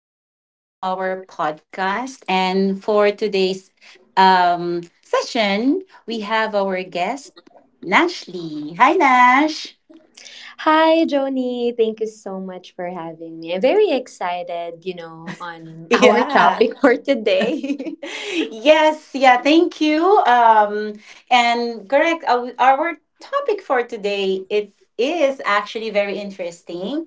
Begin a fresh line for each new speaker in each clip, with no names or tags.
and welcome to our podcast. And for today's session, we have our guest, Nashley. Hi, Nash.
Hi, Joni. Thank you so much for having me. I'm very excited, you know, on our
Yeah.
topic for today.
Yes. Yeah. Thank you. And correct. Our topic for today it is actually very interesting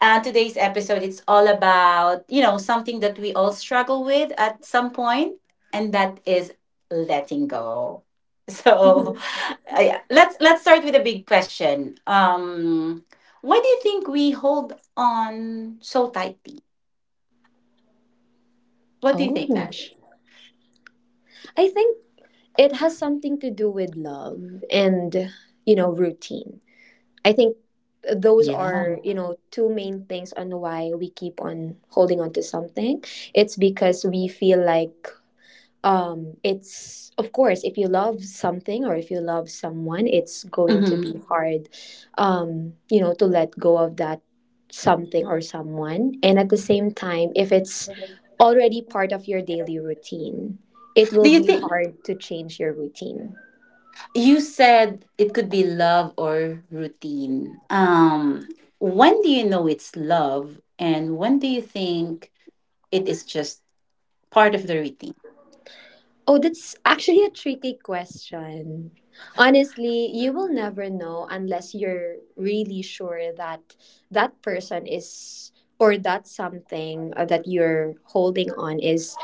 today's episode it's all about something that we all struggle with at some point, and that is letting go. So yeah, let's start with a big question. Why do you think we hold on so tightly? What do you think,
Oh,
Nash?
I think it has something to do with love and, you know, routine. I think those
Yeah.
are, you know, two main things on why we keep on holding on to something. It's because we feel like it's of course if you love something or if you love someone it's going to
Hmm.
be hard, you know, to let go of that something or someone. And at the same time, if it's already part of your daily routine, it will
Do you
be
think,
hard to change your routine.
you said it could be love or routine, when do you know it's love and when do you think it is just part of the routine?
Oh, that's actually a tricky question. Honestly, you will never know unless you're really sure that that person is, or that something that you're holding on is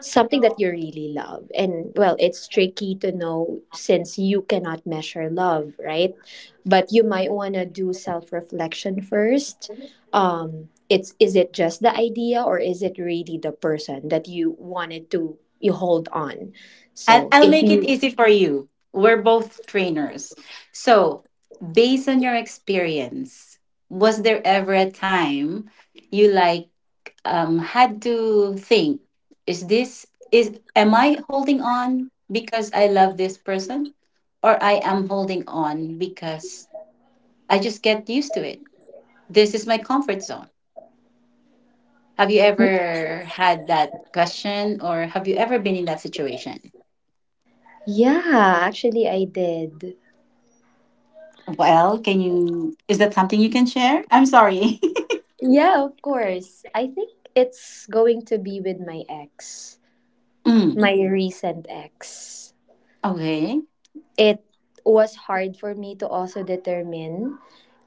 something that you really love. And well, it's tricky to know since you cannot measure love, right? But you might want to do self reflection first. It's, is it just the idea or is it really the person that you wanted to you hold on?
I'll,
So
I'll
if
make it
you,
easy for you. We're both trainers. So, based on your experience, was there ever a time you like had to think, is this, is am I holding on because I love this person, or I am holding on because I just get used to it? This is my comfort zone. Have you ever had that question or have you ever been in that situation?
yeah, actually I did.
Well, can you, is that something you can share? I'm sorry.
Yeah, of course. I think it's going to be with my ex,
Mm,
my recent ex.
okay.
It was hard for me to also determine.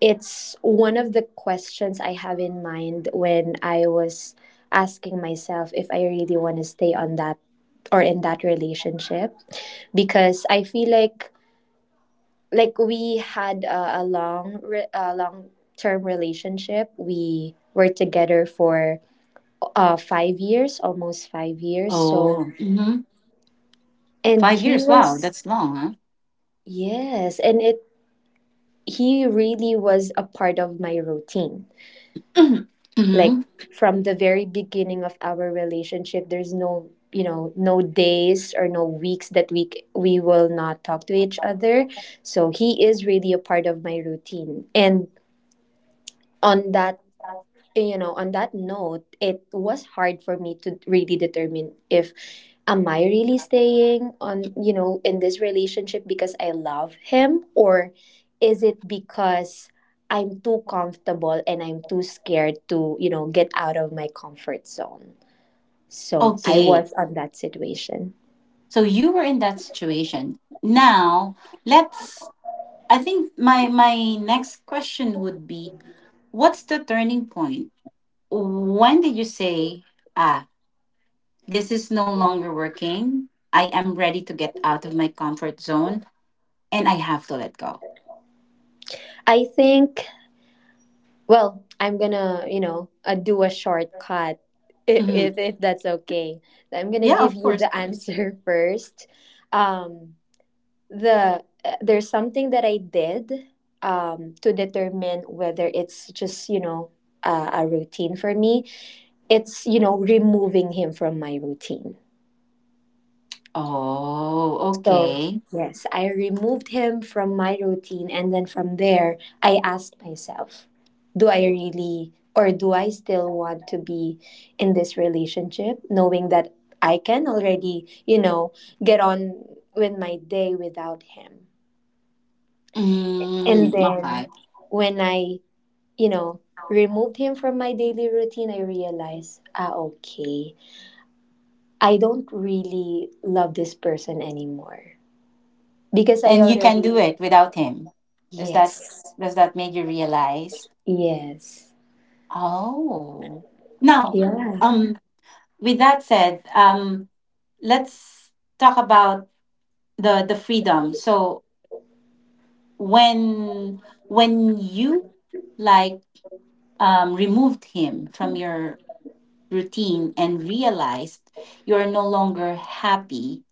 It's one of the questions I have in mind when I was asking myself if I really want to stay on that or in that relationship, because I feel like we had a long re- a long term relationship. We were together for 5 years, almost 5 years. So
Oh, hmm.
and
five
he
years. Wow,
was,
that's long,
yes, and it he really was a part of my routine.
huh?
Like
Hmm.
from the very beginning of our relationship, there's no, you know, no days or no weeks that we c- we will not talk to each other. So he is really a part of my routine. And on that, you know, on that note, it was hard for me to really determine if am I really staying on, you know, in this relationship because I love him, or is it because I'm too comfortable and I'm too scared to, you know, get out of my comfort zone. So, I
Okay.
was on that situation.
So you were in that situation. Now, let's, I think my next question would be, what's the turning point? When did you say, ah, this is no longer working. I am ready to get out of my comfort zone and I have to let go.
I think, well, I'm gonna, you know, do a shortcut if,
Mhm.
if if that's okay. I'm gonna
Yeah,
give
of
you
course,
the
of course.
answer first. Um, the there's something that I did to determine whether it's just, you know, a routine for me. It's, you know, removing him from my routine.
Oh,
So,
okay.
yes, I removed him from my routine. And then from there, I asked myself, do I really, or do I still want to be in this relationship, knowing that I can already, you know, get on with my day without him? And
Mm,
then
okay.
when I, you know, removed him from my daily routine, I realized, ah, okay, I don't really love this person anymore because I
And you can do
already,
it without him. Is that,
yes.
does that make you realize?
Yes.
Oh. Now,
Yeah.
um, with that said, let's talk about the freedom. So when when you like, removed him from your routine and realized you are no longer happy.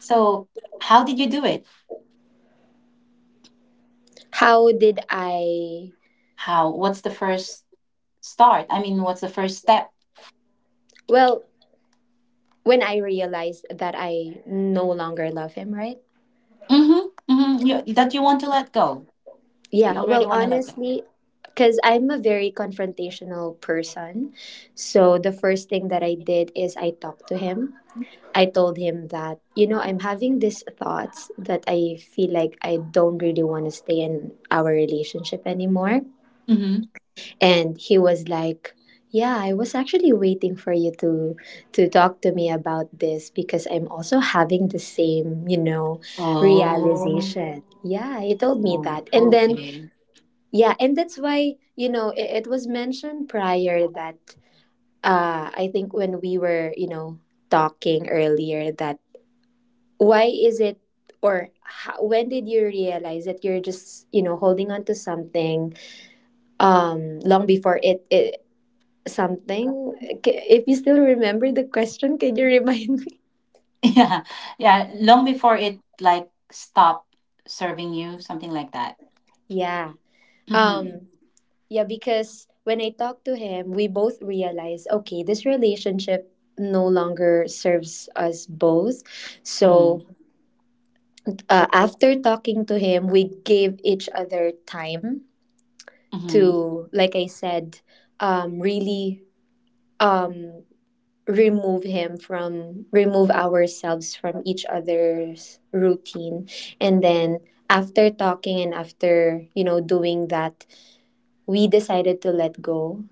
So, how did you do it?
How did I,
How? What's the first start? I mean, what's the first step?
well, when I realized that I no longer love him, right?
Mm-hmm, mm-hmm. You, that you want to let go. You
Yeah,
already
well,
want to let go.
honestly, cuz I'm a very confrontational person. So the first thing that I did is I talked to him. I told him that, you know, I'm having these thoughts that I feel like I don't really want to stay in our relationship anymore.
Mm-hmm.
And he was like, yeah, I was actually waiting for you to talk to me about this because I'm also having the same, you know,
Oh,
realization. Yeah, he told me that. And then
okay.
yeah, and that's why, you know, it was mentioned prior that I think when we were, you know, talking earlier that why is it or how, when did you realize that you're just, you know, holding on to something long before it, it something. K- if you still remember the question, can you remind me?
Yeah, yeah. Long before it like stopped serving you, something like that.
Yeah.
Mm-hmm.
um yeah, because when I talked to him we both realized, okay, this relationship no longer serves us both. So
Mm-hmm.
after talking to him we gave each other time
Mm-hmm.
to, like I said, really um remove him from, remove ourselves from each other's routine. And then after talking and after, you know, doing that, we decided to let go.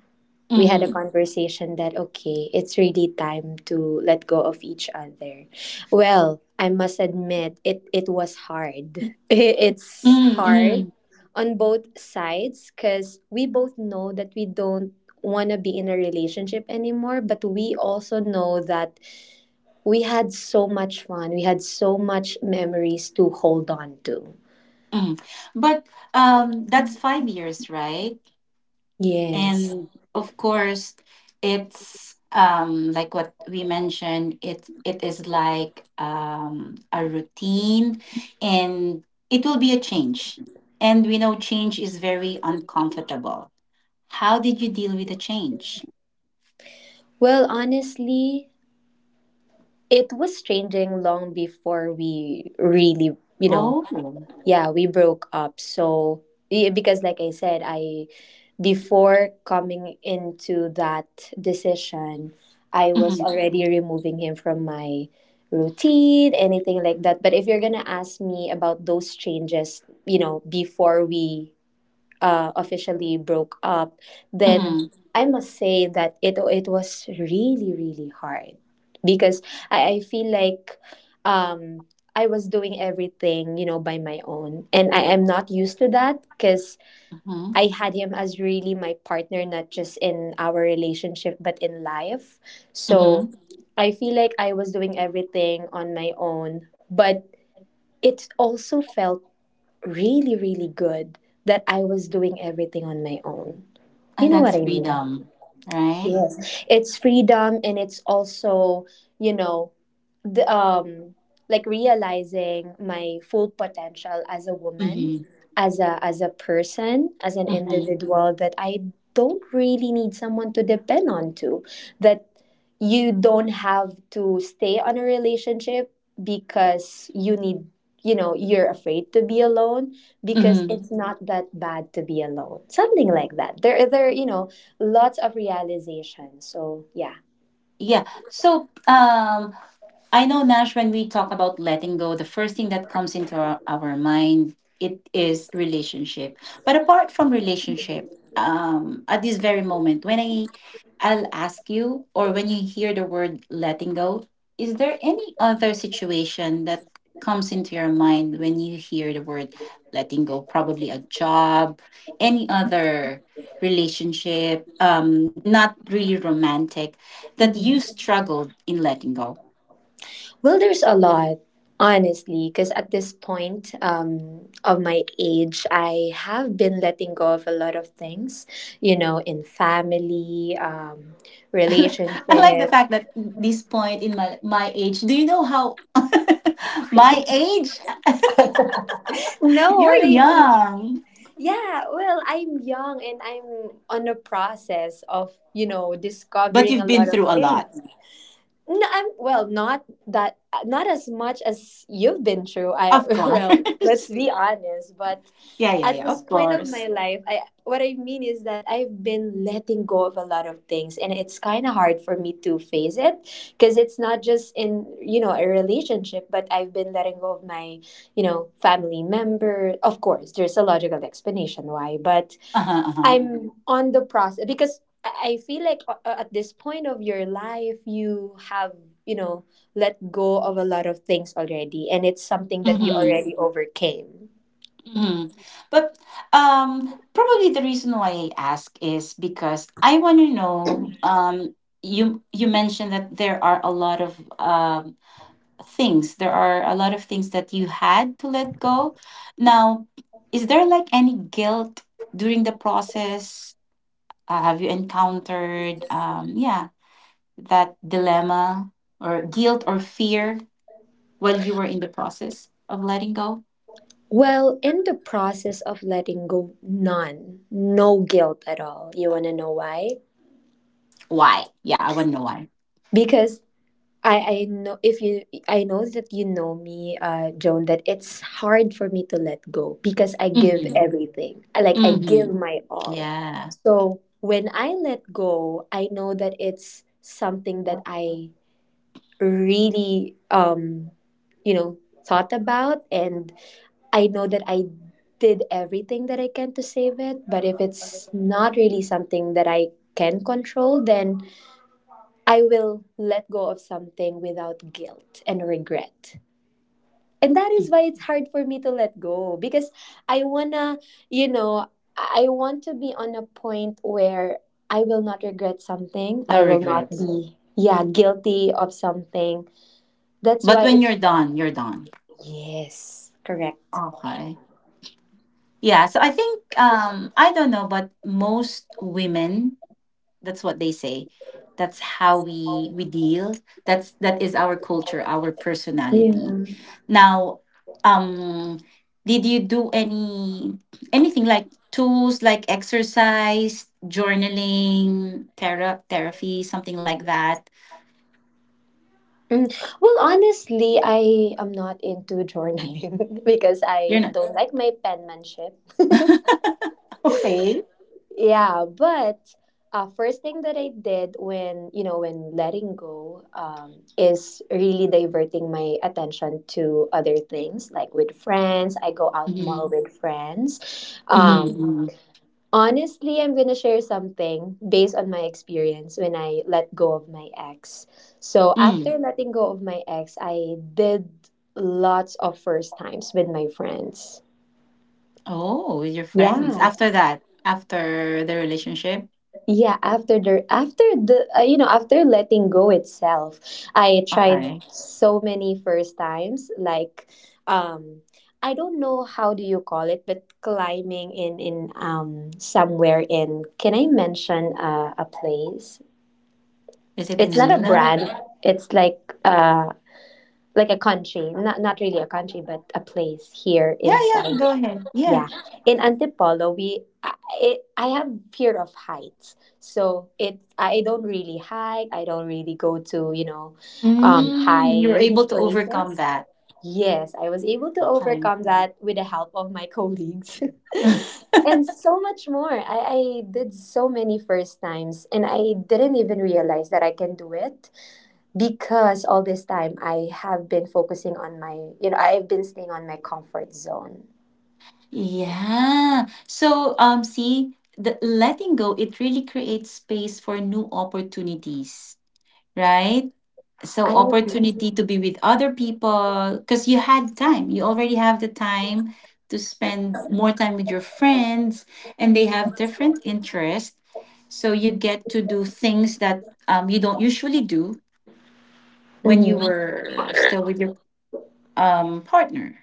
We had a
Mm-hmm.
conversation that okay, it's really time to let go of each other. Well, I must admit it it was hard. It's
Mm,
hard
mm,
on both sides cuz we both know that we don't want to be in a relationship anymore, but we also know that we had so much fun. We had so much memories to hold on to.
mm. But that's 5 years, right?
Yes.
And of course, it's like what we mentioned. It is like, a routine, and it will be a change. And we know change is very uncomfortable. How did you deal with the change?
Well, honestly, it was changing long before we really, you know,
Oh,
yeah, we broke up. So yeah, because like I said, I before coming into that decision, I was
mm-hmm,
already removing him from my routine, anything like that. But if you're gonna ask me about those changes, you know, before we officially broke up, then
mm-hmm,
I must say that it was really really hard because I feel like um, I was doing everything, you know, by my own, and I am not used to that because
mm-hmm,
I had him as really my partner, not just in our relationship but in life. So
mm-hmm.
I feel like I was doing everything on my own, but it also felt really, really good that I was doing everything on my own. You
And
know what
that's
I mean?
freedom, right?
It's freedom and it's also, you know, the like realizing my full potential as a woman,
Mm-hmm,
as a person, as an
mm-hmm,
individual that I don't really need someone to depend on to. That you don't have to stay on a relationship because you need, you know, you're afraid to be alone because it's
mm-hmm.
not that bad to be alone, something like that. There, you know, lots of realizations. So yeah.
Yeah. So I know, Nash, when we talk about letting go, the first thing that comes into our mind it is relationship. But apart from relationship, at this very moment, when I, I'll ask you, or when you hear the word letting go, is there any other situation that comes into your mind when you hear the word letting go? Probably a job, any other relationship, not really romantic, that you
Mhm.
struggled in letting go?
Well, there's a lot. Honestly, because at this point of my age I have been letting go of a lot of things, you know, in family,
I like, I like the
relationship.
fact that this point in my age, do you know how my age?
No,
You're
what I mean.
young,
Yeah, well, I'm young and I'm on a process of, you know,
but
discovering a
you've been
lot of
through a
things.
lot.
No, I'm well, not that, not as much as you've been through. I
Of course.
well, let's be honest, but
Yeah, yeah,
at
yeah,
this
of
point of my
course.
life, I what I mean is that I've been letting go of a lot of things, and it's kind of hard for me to face it because it's not just in, you know, a relationship, but I've been letting go of my, you know, family member. Of course, there's a logical explanation why, but
Uh-huh, uh-huh.
I'm on the process because I feel like at this point of your life, you have, you know, let go of a lot of things already, and it's something that you
Hmm,
already overcame.
hmm. But probably the reason why I ask is because I want to know. You you mentioned that there are a lot of things. There are a lot of things that you had to let go. Now, is there like any guilt during the process? Have you encountered yeah, that dilemma or guilt or fear while you were in the process of letting go?
Well, in the process of letting go, none, no guilt at all. You want to know why?
Why? Yeah, I want to know why.
Because I know if you I know that you know me, Joan, that it's hard for me to let go because I give
Mm-hmm.
everything. I- Like I give
Mhm.
my all.
Yeah.
So when I let go, I know that it's something that I really you know thought about, and I know that I did everything that I can to save it. But if it's not really something that I can control, then I will let go of something without guilt and regret. And that is why it's hard for me to let go because I wanna, you know, I want to be on a point where I will not regret something. I
No
will not
regrets.
be, yeah, guilty of something. That's
But
why
when
it,
you're done, you're done.
yes, correct.
Okay. Yeah. So I think um, I don't know, but most women, that's what they say. That's how we deal. That's that is our culture, our
Yeah.
personality. Now, um did you do any anything like tools like exercise, journaling, thera- therapy, something like that?
Mm. Well, honestly, I am not into journaling because
You're
I
not
don't like my penmanship.
okay.
Yeah, but first thing that I did when, you know, when letting go, is really diverting my attention to other things, like with friends. I go out more with friends.
Mhm, mhm,
Honestly, I'm gonna share something based on my experience when I let go of my ex. So
mm.
after letting go of my ex, I did lots of first times with my friends.
Oh, with your friends.
Yeah.
After that, after the relationship?
Yeah, after the you know, after letting go itself I tried
Okay.
so many first times like um I don't know how do you call it, but climbing in somewhere in can I mention a place?
Is it in
It's not a
Manila?
brand. It's like a country, not not really a country, but a place here
Yeah, yeah,
inside.
go ahead. Yeah.
Yeah, in Antipolo, we I, it, I have fear of heights, so it I don't really hike. I don't really go to, you know,
Mm, you're
high
able to overcome
places.
that.
Yes, I was able to
Okay.
overcome that with the help of my colleagues, and so much more. I did so many first times, and I didn't even realize that I can do it because all this time I have been focusing on my. I've been staying on my comfort zone.
Yeah. So, see, the letting go, it really creates space for new opportunities, right? So
I agree.
opportunity to be with other people because you had time, you already have the time to spend more time with your friends, and they have different interests, so you get to do things that you don't usually do when you
Mhm.
were still with your partner,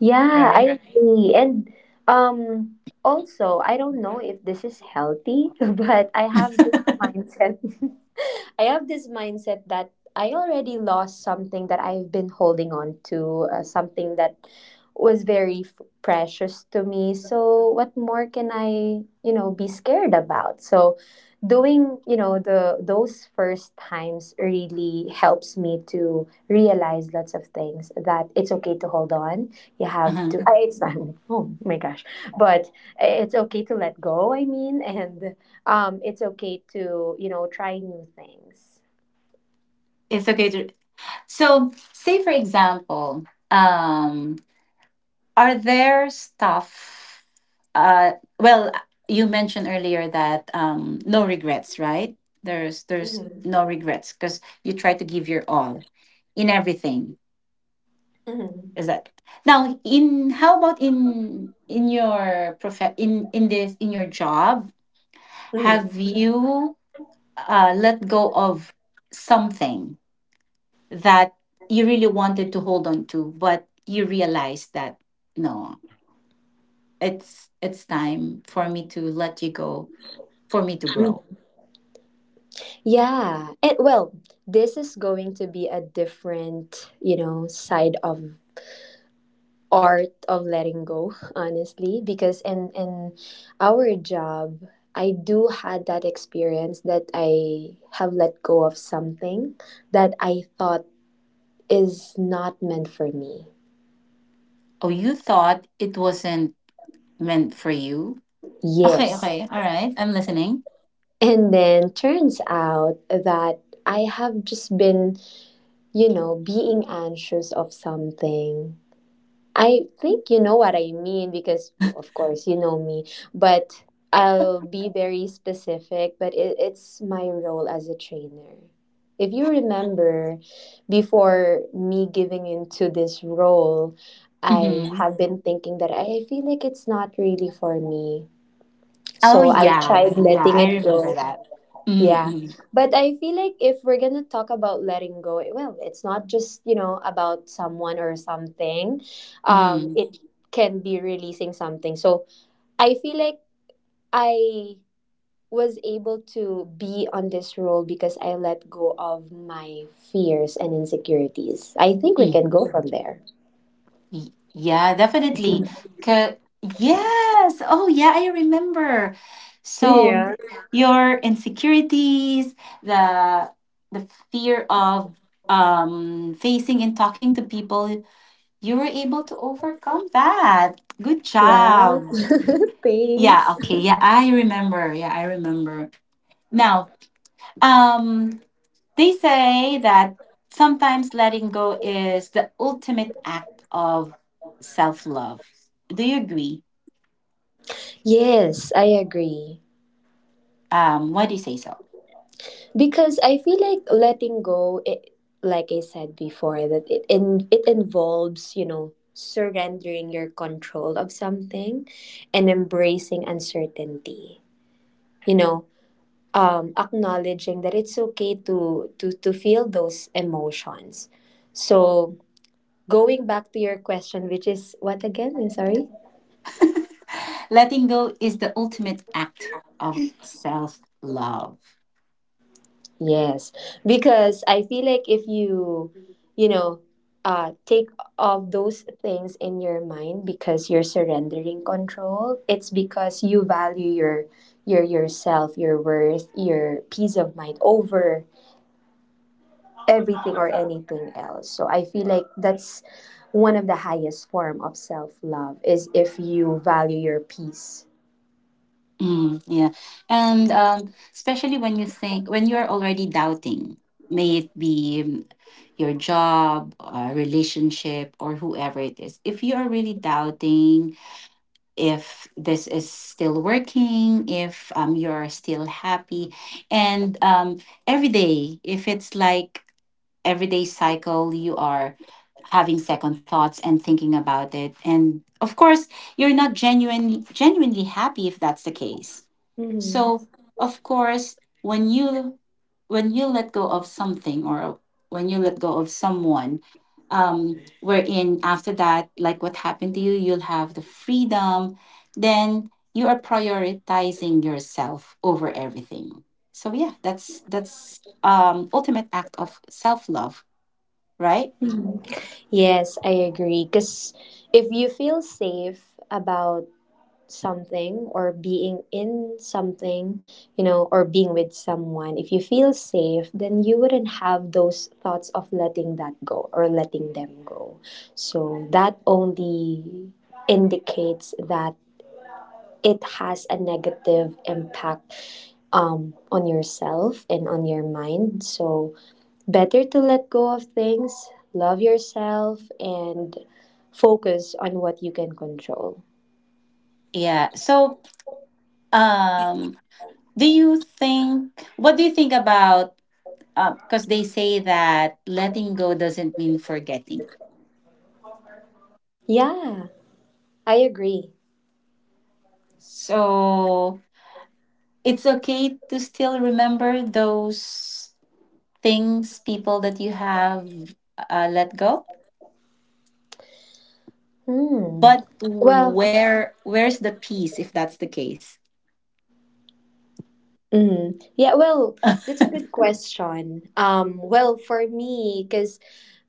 Yeah,
right?
I agree. And um also, I don't know if this is healthy, but I have this mindset. I have this mindset that I already lost something that I've been holding on to, something that was very precious to me. So what more can I, you know, be scared about? So doing, you know, the those first times really helps me to realize lots of things that it's okay to hold on you have to
Uh-huh.
it's not oh my gosh but it's okay to let go. And it's okay to, you know, try new things.
It's okay to. So, say for example, um, are there stuff? Uh, well, you mentioned earlier that no regrets, right? There's
Mhm.
no regrets because you try to give your all in everything.
Mhm.
Is that now? In, how about in your prof, in this, in your job?
Mhm.
Have you let go of something that you really wanted to hold on to, but you realized that no, it's time for me to let you go, for me to grow?
Yeah, and well, this is going to be a different, you know, side of art of letting go honestly because in our job, I do had that experience that I have let go of something that I thought is not meant for me.
Oh, you thought it wasn't meant for you. Okay,
Yes.
okay, all right, I'm listening.
And then turns out that I have just been, you know, being anxious of something. I think you know what I mean because, of course, you know me, but I'll be very specific. But it's my role as a trainer. If you remember, before me giving into this role, I
Mm-hmm.
have been thinking that I feel like it's not really for me. So
Oh,
I
yeah,
tried
yeah,
letting
I
it
remember
go.
that.
Yeah.
Mm-hmm.
But I feel like if we're going to talk about letting go, well, it's not just, you know, about someone or something.
Mm-hmm,
Um
mm-hmm.
it can be releasing something. So I feel like I was able to be on this role because I let go of my fears and insecurities. I think we can go from there.
Y- Yeah, definitely. 'Cause- Yes. Oh, yeah, I remember. So
Yeah.
your insecurities, the the fear of facing and talking to people, you were able to overcome that. Good
Right?
job. Yeah,
Thanks.
okay. Yeah, I remember. Yeah, I remember. Now, um, they say that sometimes letting go is the ultimate act of self love. Do you agree?
Yes, I agree.
Why do you say so?
Because I feel like letting go, it, like I said before, that it involves, you know, surrendering your control of something and embracing uncertainty. You know, acknowledging that it's okay to feel those emotions. So going back to your question, which is what again? I'm sorry.
Letting go is the ultimate act of self love.
Yes, because I feel like if you, you know, take off those things in your mind because you're surrendering control, it's because you value your yourself, your worth, your peace of mind over everything or anything else. So I feel like that's one of the highest form of self-love is if you value your peace.
Mm, yeah. And especially when you think, when you're already doubting, may it be your job, relationship, or whoever it is, if you are really doubting if this is still working, if you're still happy, and every day, if it's like everyday cycle, you are having second thoughts and thinking about it, and of course you're not genuine, genuinely happy if that's the case.
Hmm.
So of course, when you, when you let go of something, or when you let go of someone, um, wherein after that, like what happened to you, you'll have the freedom. Then you are prioritizing yourself over everything. So yeah, that's ultimate act of self love, right?
Yes, I agree. Because if you feel safe about something or being in something, you know, or being with someone, if you feel safe, then you wouldn't have those thoughts of letting that go or letting them go. So that only indicates that it has a negative impact on yourself and on your mind. So better to let go of things, love yourself, and focus on what you can control.
Yeah. So, um, do you think, what do you think about, because they say that letting go doesn't mean forgetting.
Yeah, I agree.
So, it's okay to still remember those things, people that you have let go.
Mm.
But
Well,
where where's the peace if that's the case?
mm. Yeah, well, that's a good question. Well, for me, because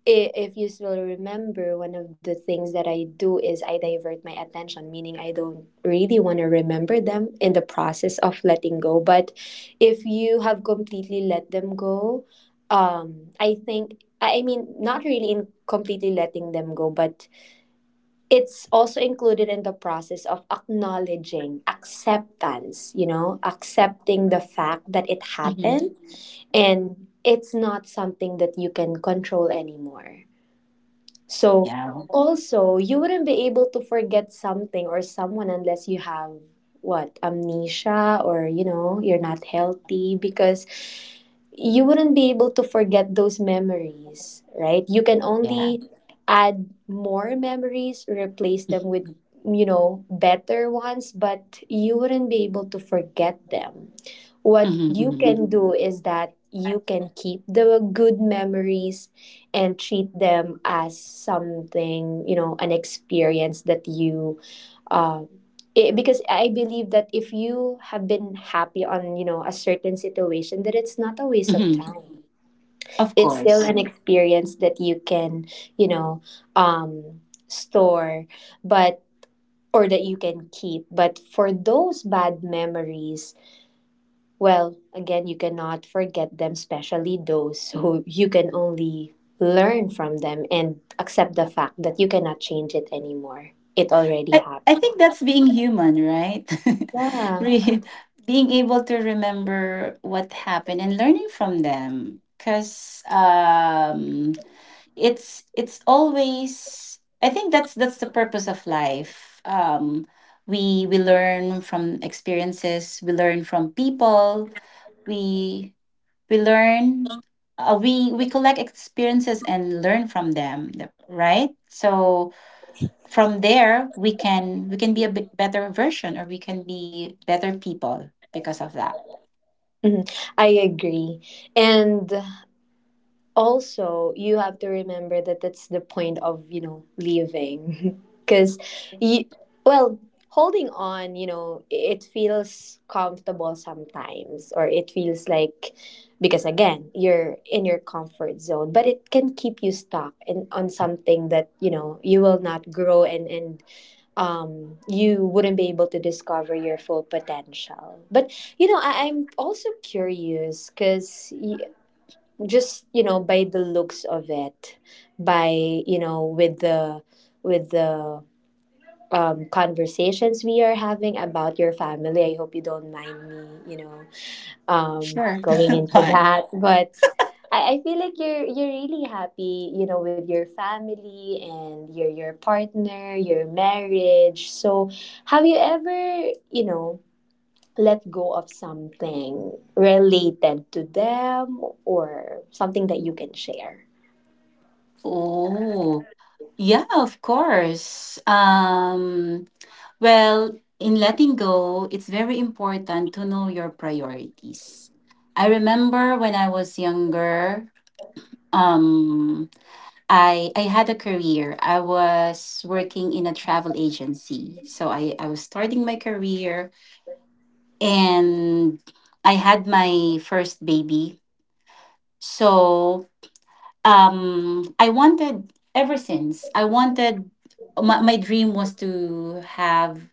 if you still remember, one of the things that I do is I divert my attention, meaning I don't really want to remember them in the process of letting go. But if you have completely let them go, I think, I mean, not really in completely letting them go, but it's also included in the process of acknowledging acceptance, you know, accepting the fact that it
Mhm.
happened and it's not something that you can control anymore. So,
Yeah.
also, you wouldn't be able to forget something or someone unless you have what amnesia or you know you're not healthy because you wouldn't be able to forget those memories, right? You can
Yeah.
only add more memories, replace them with, you know, better ones, but you wouldn't be able to forget them. What you
Hmm.
can do is that you can keep the good memories and treat them as something, you know, an experience that you um it, because I believe that if you have been happy on, you know, a certain situation that it's not a waste of
Hmm.
time.
Of
It's still
course.
an experience that you can, you know, um store, but or that you can keep. But for those bad memories, well, again, you cannot forget them, especially those. So you can only learn from them and accept the fact that you cannot change it anymore. It already
I think
happened.
that's being human, right?
Yeah.
Re- being able to remember what happened and learning from them. Cause it's always, I think that's the purpose of life. We learn from experiences, we learn from people, we we learn, we collect experiences and learn from them, th- right? So from there we can, we can be a bit better version, or we can be better people because of that.
Mhm. I agree. And also you have to remember that that's the point of, you know, leaving because you well holding on, you know, it feels comfortable sometimes or it feels like because again you're in your comfort zone but it can keep you stuck in on something that you know you will not grow and you wouldn't be able to discover your full potential. But you know I'm also curious because just you know by the looks of it by you know with the conversations we are having about your family, I hope you don't mind me, you know,
Sure.
going into
But
that but I feel like you're really happy, you know, with your family and your partner, your marriage, so have you ever, you know, let go of something related to them or something that you can share.
oh, yeah, of course. Well, in letting go, it's very important to know your priorities. I remember when I was younger, um, I had a career. I was working in a travel agency. So I was starting my career, and I had my first baby. So um, I wanted, ever since I wanted, my dream was to have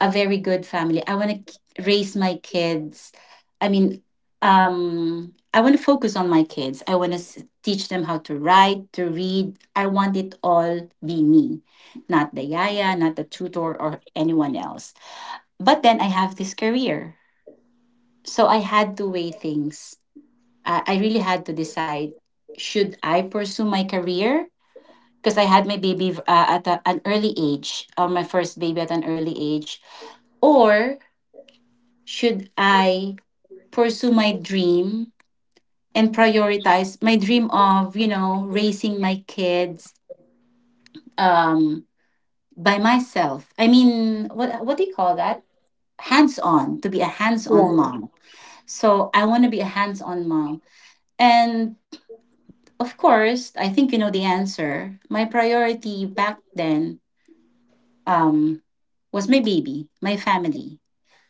a very good family. I want to raise my kids, I mean um, I want to focus on my kids, I want to teach them how to write, to read. I want it all be me, not the yaya, not the tutor, or anyone else. But then I have this career, so I had to weigh things. I really had to decide, should I pursue my career, because I had my baby at a, an early age, my first baby at an early age? Or should I pursue my dream and prioritize my dream of, you know, raising my kids um, by myself? I mean, what do you call that? Hands on, to be a hands on
Yeah.
mom. So I want to be a hands on mom. And of course, I think you know the answer. My priority back then um, was my baby, my family.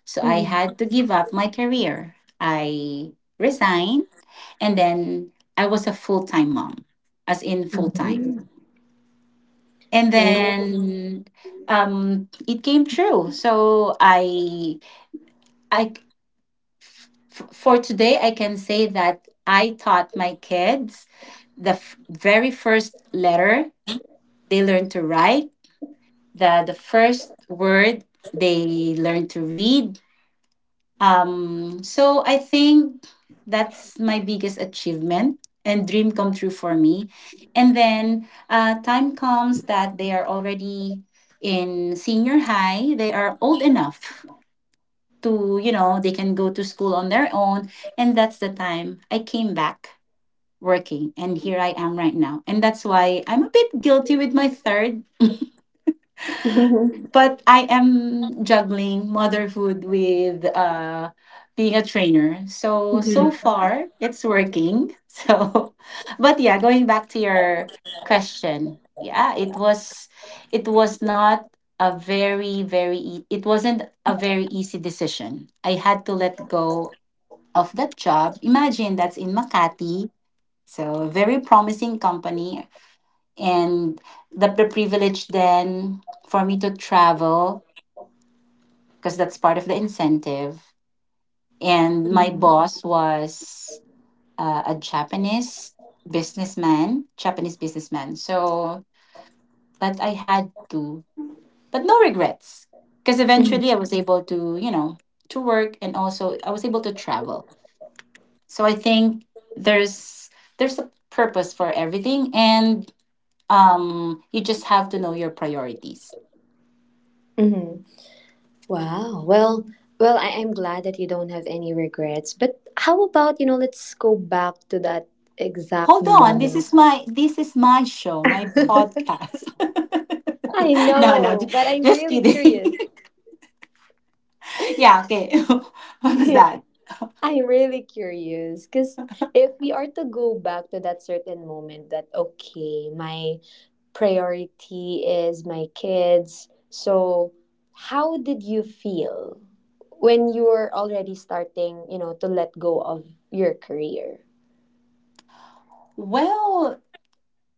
So I
Mhm.
had to give up my career. I resigned, and then I was a full time mom, as in full time.
Mhm.
And
Oh.
then it came true. So I, f- for today, I can say that I taught my kids the f- very first letter they learned to write, the first word they learned to read. So I think that's my biggest achievement and dream come true for me. And then time comes that they are already in senior high. They are old enough to, you know, they can go to school on their own. And that's the time I came back working. And here I am right now. And that's why I'm a bit guilty with my third,
Mhm.
but I am juggling motherhood with being a trainer. So so
Mhm.
far it's working. So, but yeah, going back to your question, yeah, it was not a very very e- it wasn't a very easy decision. I had to let go of that job. Imagine that's in Makati, so very promising company, and the privilege then for me to travel because that's part of the incentive. And my boss was a Japanese businessman, Japanese businessman. So, but I had to, but no regrets, because
Mhm.
eventually I was able to, you know, to work and also I was able to travel. So I think there's there's a purpose for everything, and you just have to know your priorities.
Mhm. Wow. Well, well, I am glad that you don't have any regrets. But how about, you know, let's go back to that exact
Hold on, this
moment.
is my show, my podcast.
I
no, no,
know,
ju-
but I'm
just
really curious.
kidding. yeah, okay. What was that?
I'm really curious because if we are to go back to that certain moment that, okay, my priority is my kids. So, how did you feel when you were already starting, you know, to let go of your career?
Well,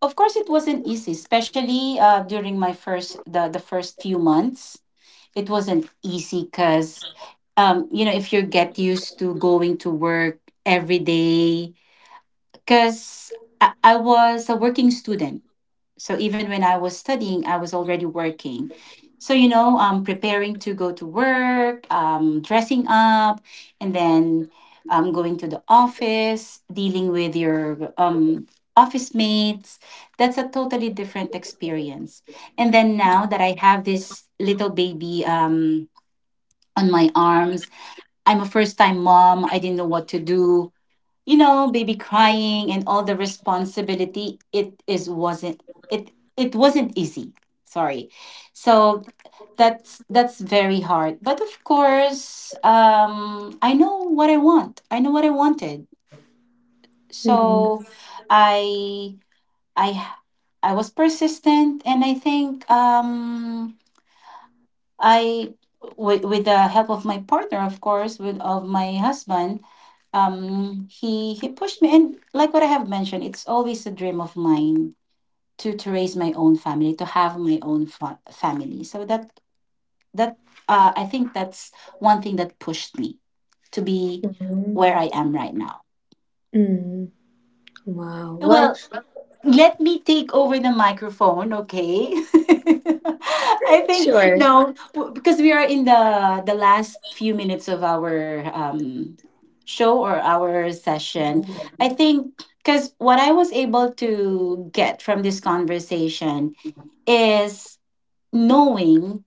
of course it wasn't easy, especially during my first the first few months. It wasn't easy because you know, if you get used to going to work every day, because I was a working student. So even when I was studying, I was already working. So, you know, preparing to go to work, dressing up, and then going to the office, dealing with your office mates. That's a totally different experience. And then now that I have this little baby on my arms, I'm a first time mom. I didn't know what to do, you know, baby crying and all the responsibility, it it wasn't easy. Sorry. So that's very hard. But of course, I know what I want. I know what I wanted.
Mm-hmm.
So I I I was persistent, and I think I, with the help of my partner, of course, with of my husband, he pushed me, and like what I have mentioned, it's always a dream of mine to raise my own family, to have my own family. So that that I think that's one thing that pushed me to be
Mm-hmm.
where I am right now.
Mm. Wow. Well,
Well, let me take over the microphone, okay? I think
sure.
no, because we are in the last few minutes of our show or our session. I think because what I was able to get from this conversation is knowing,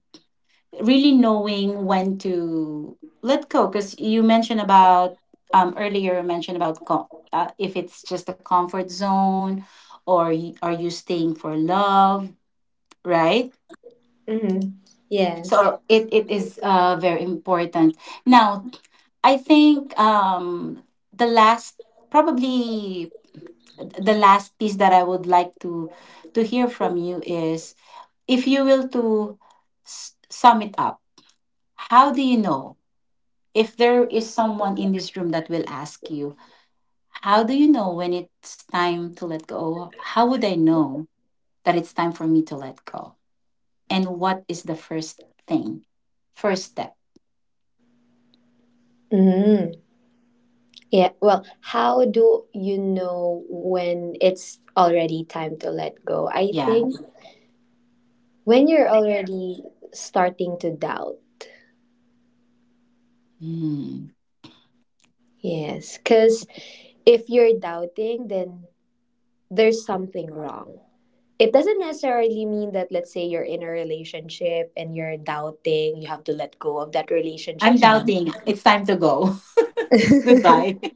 really knowing when to let go, because you mentioned about earlier you mentioned about if it's just a comfort zone or are you staying for love, right?
Mm-hmm. Yes.
So it is very important. Now I think the last, probably the last piece that I would like to hear from you is, if you will, to sum it up, how do you know? If there is someone in this room that will ask you, how do you know when it's time to let go? How would I know that it's time for me to let go? And what is the first thing? First step.
Mm. Yeah, well, how do you know when it's already time to let go? I
Yeah.
think when you're already starting to doubt.
Hmm.
Yes, because if you're doubting, then there's something wrong. It doesn't necessarily mean that, let's say, you're in a relationship and you're doubting, you have to let go of that relationship.
I'm
No.
doubting. It's time to go. Goodbye.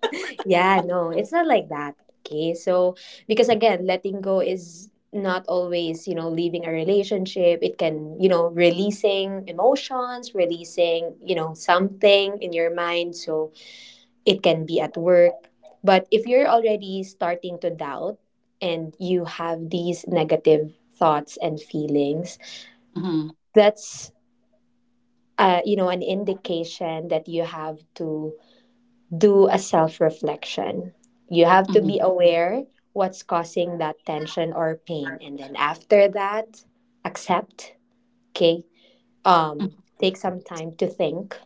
Yeah, no, it's not like that. Okay, so because again, letting go is not always, you know, leaving a relationship. It can, you know, releasing emotions, releasing, you know, something in your mind. So it can be at work. But if you're already starting to doubt and you have these negative thoughts and feelings,
Hmm.
that's, you know, an indication that you have to do a self reflection. You have to be
Hmm.
aware what's causing that tension or pain. And then after that, accept, okay? Take some time to think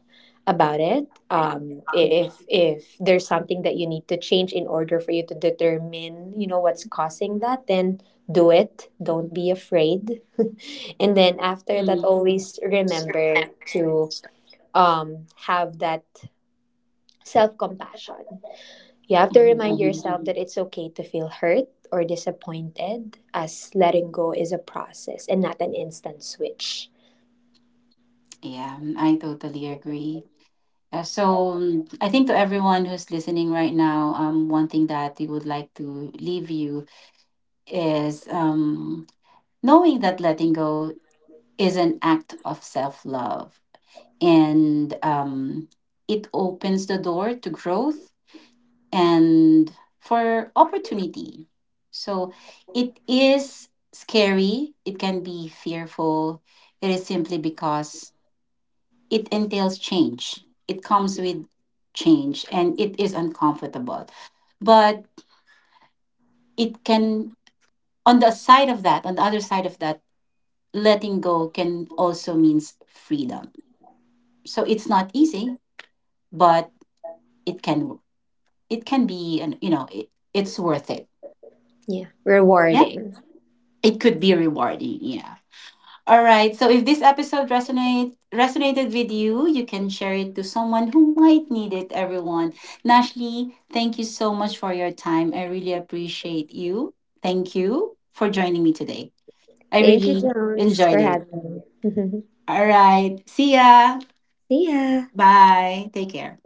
about it. If there's something that you need to change in order for you to determine, you know, what's causing that, then do it. Don't be afraid. And then after that,
Mhm,
always remember to have that self compassion. You have to
mhm,
remind
mhm.
yourself that it's okay to feel hurt or disappointed, as letting go is a process and not an instant switch.
Yeah, mm, I totally agree. Yeah, so I think to everyone who's listening right now, one thing that we would like to leave you is knowing that letting go is an act of self love, and it opens the door to growth and for opportunity. So it is scary, it can be fearful. It is simply because it entails change, it comes with change, and it is uncomfortable. But it can, on the side of that, on the other side of that, letting go can also means freedom. So it's not easy, but it can, it can be an, you know, it's worth it.
Yeah,
Yeah,
rewarding.
it could be rewarding. Yeah. All right. So if this episode resonated with you, you can share it to someone who might need it. Everyone, Nashley, thank you so much for your time. I really appreciate you. Thank you for joining me today. I
Thank you,
really
Jones, for
enjoyed it.
having me.
All right. See ya.
See ya.
Bye. Take care.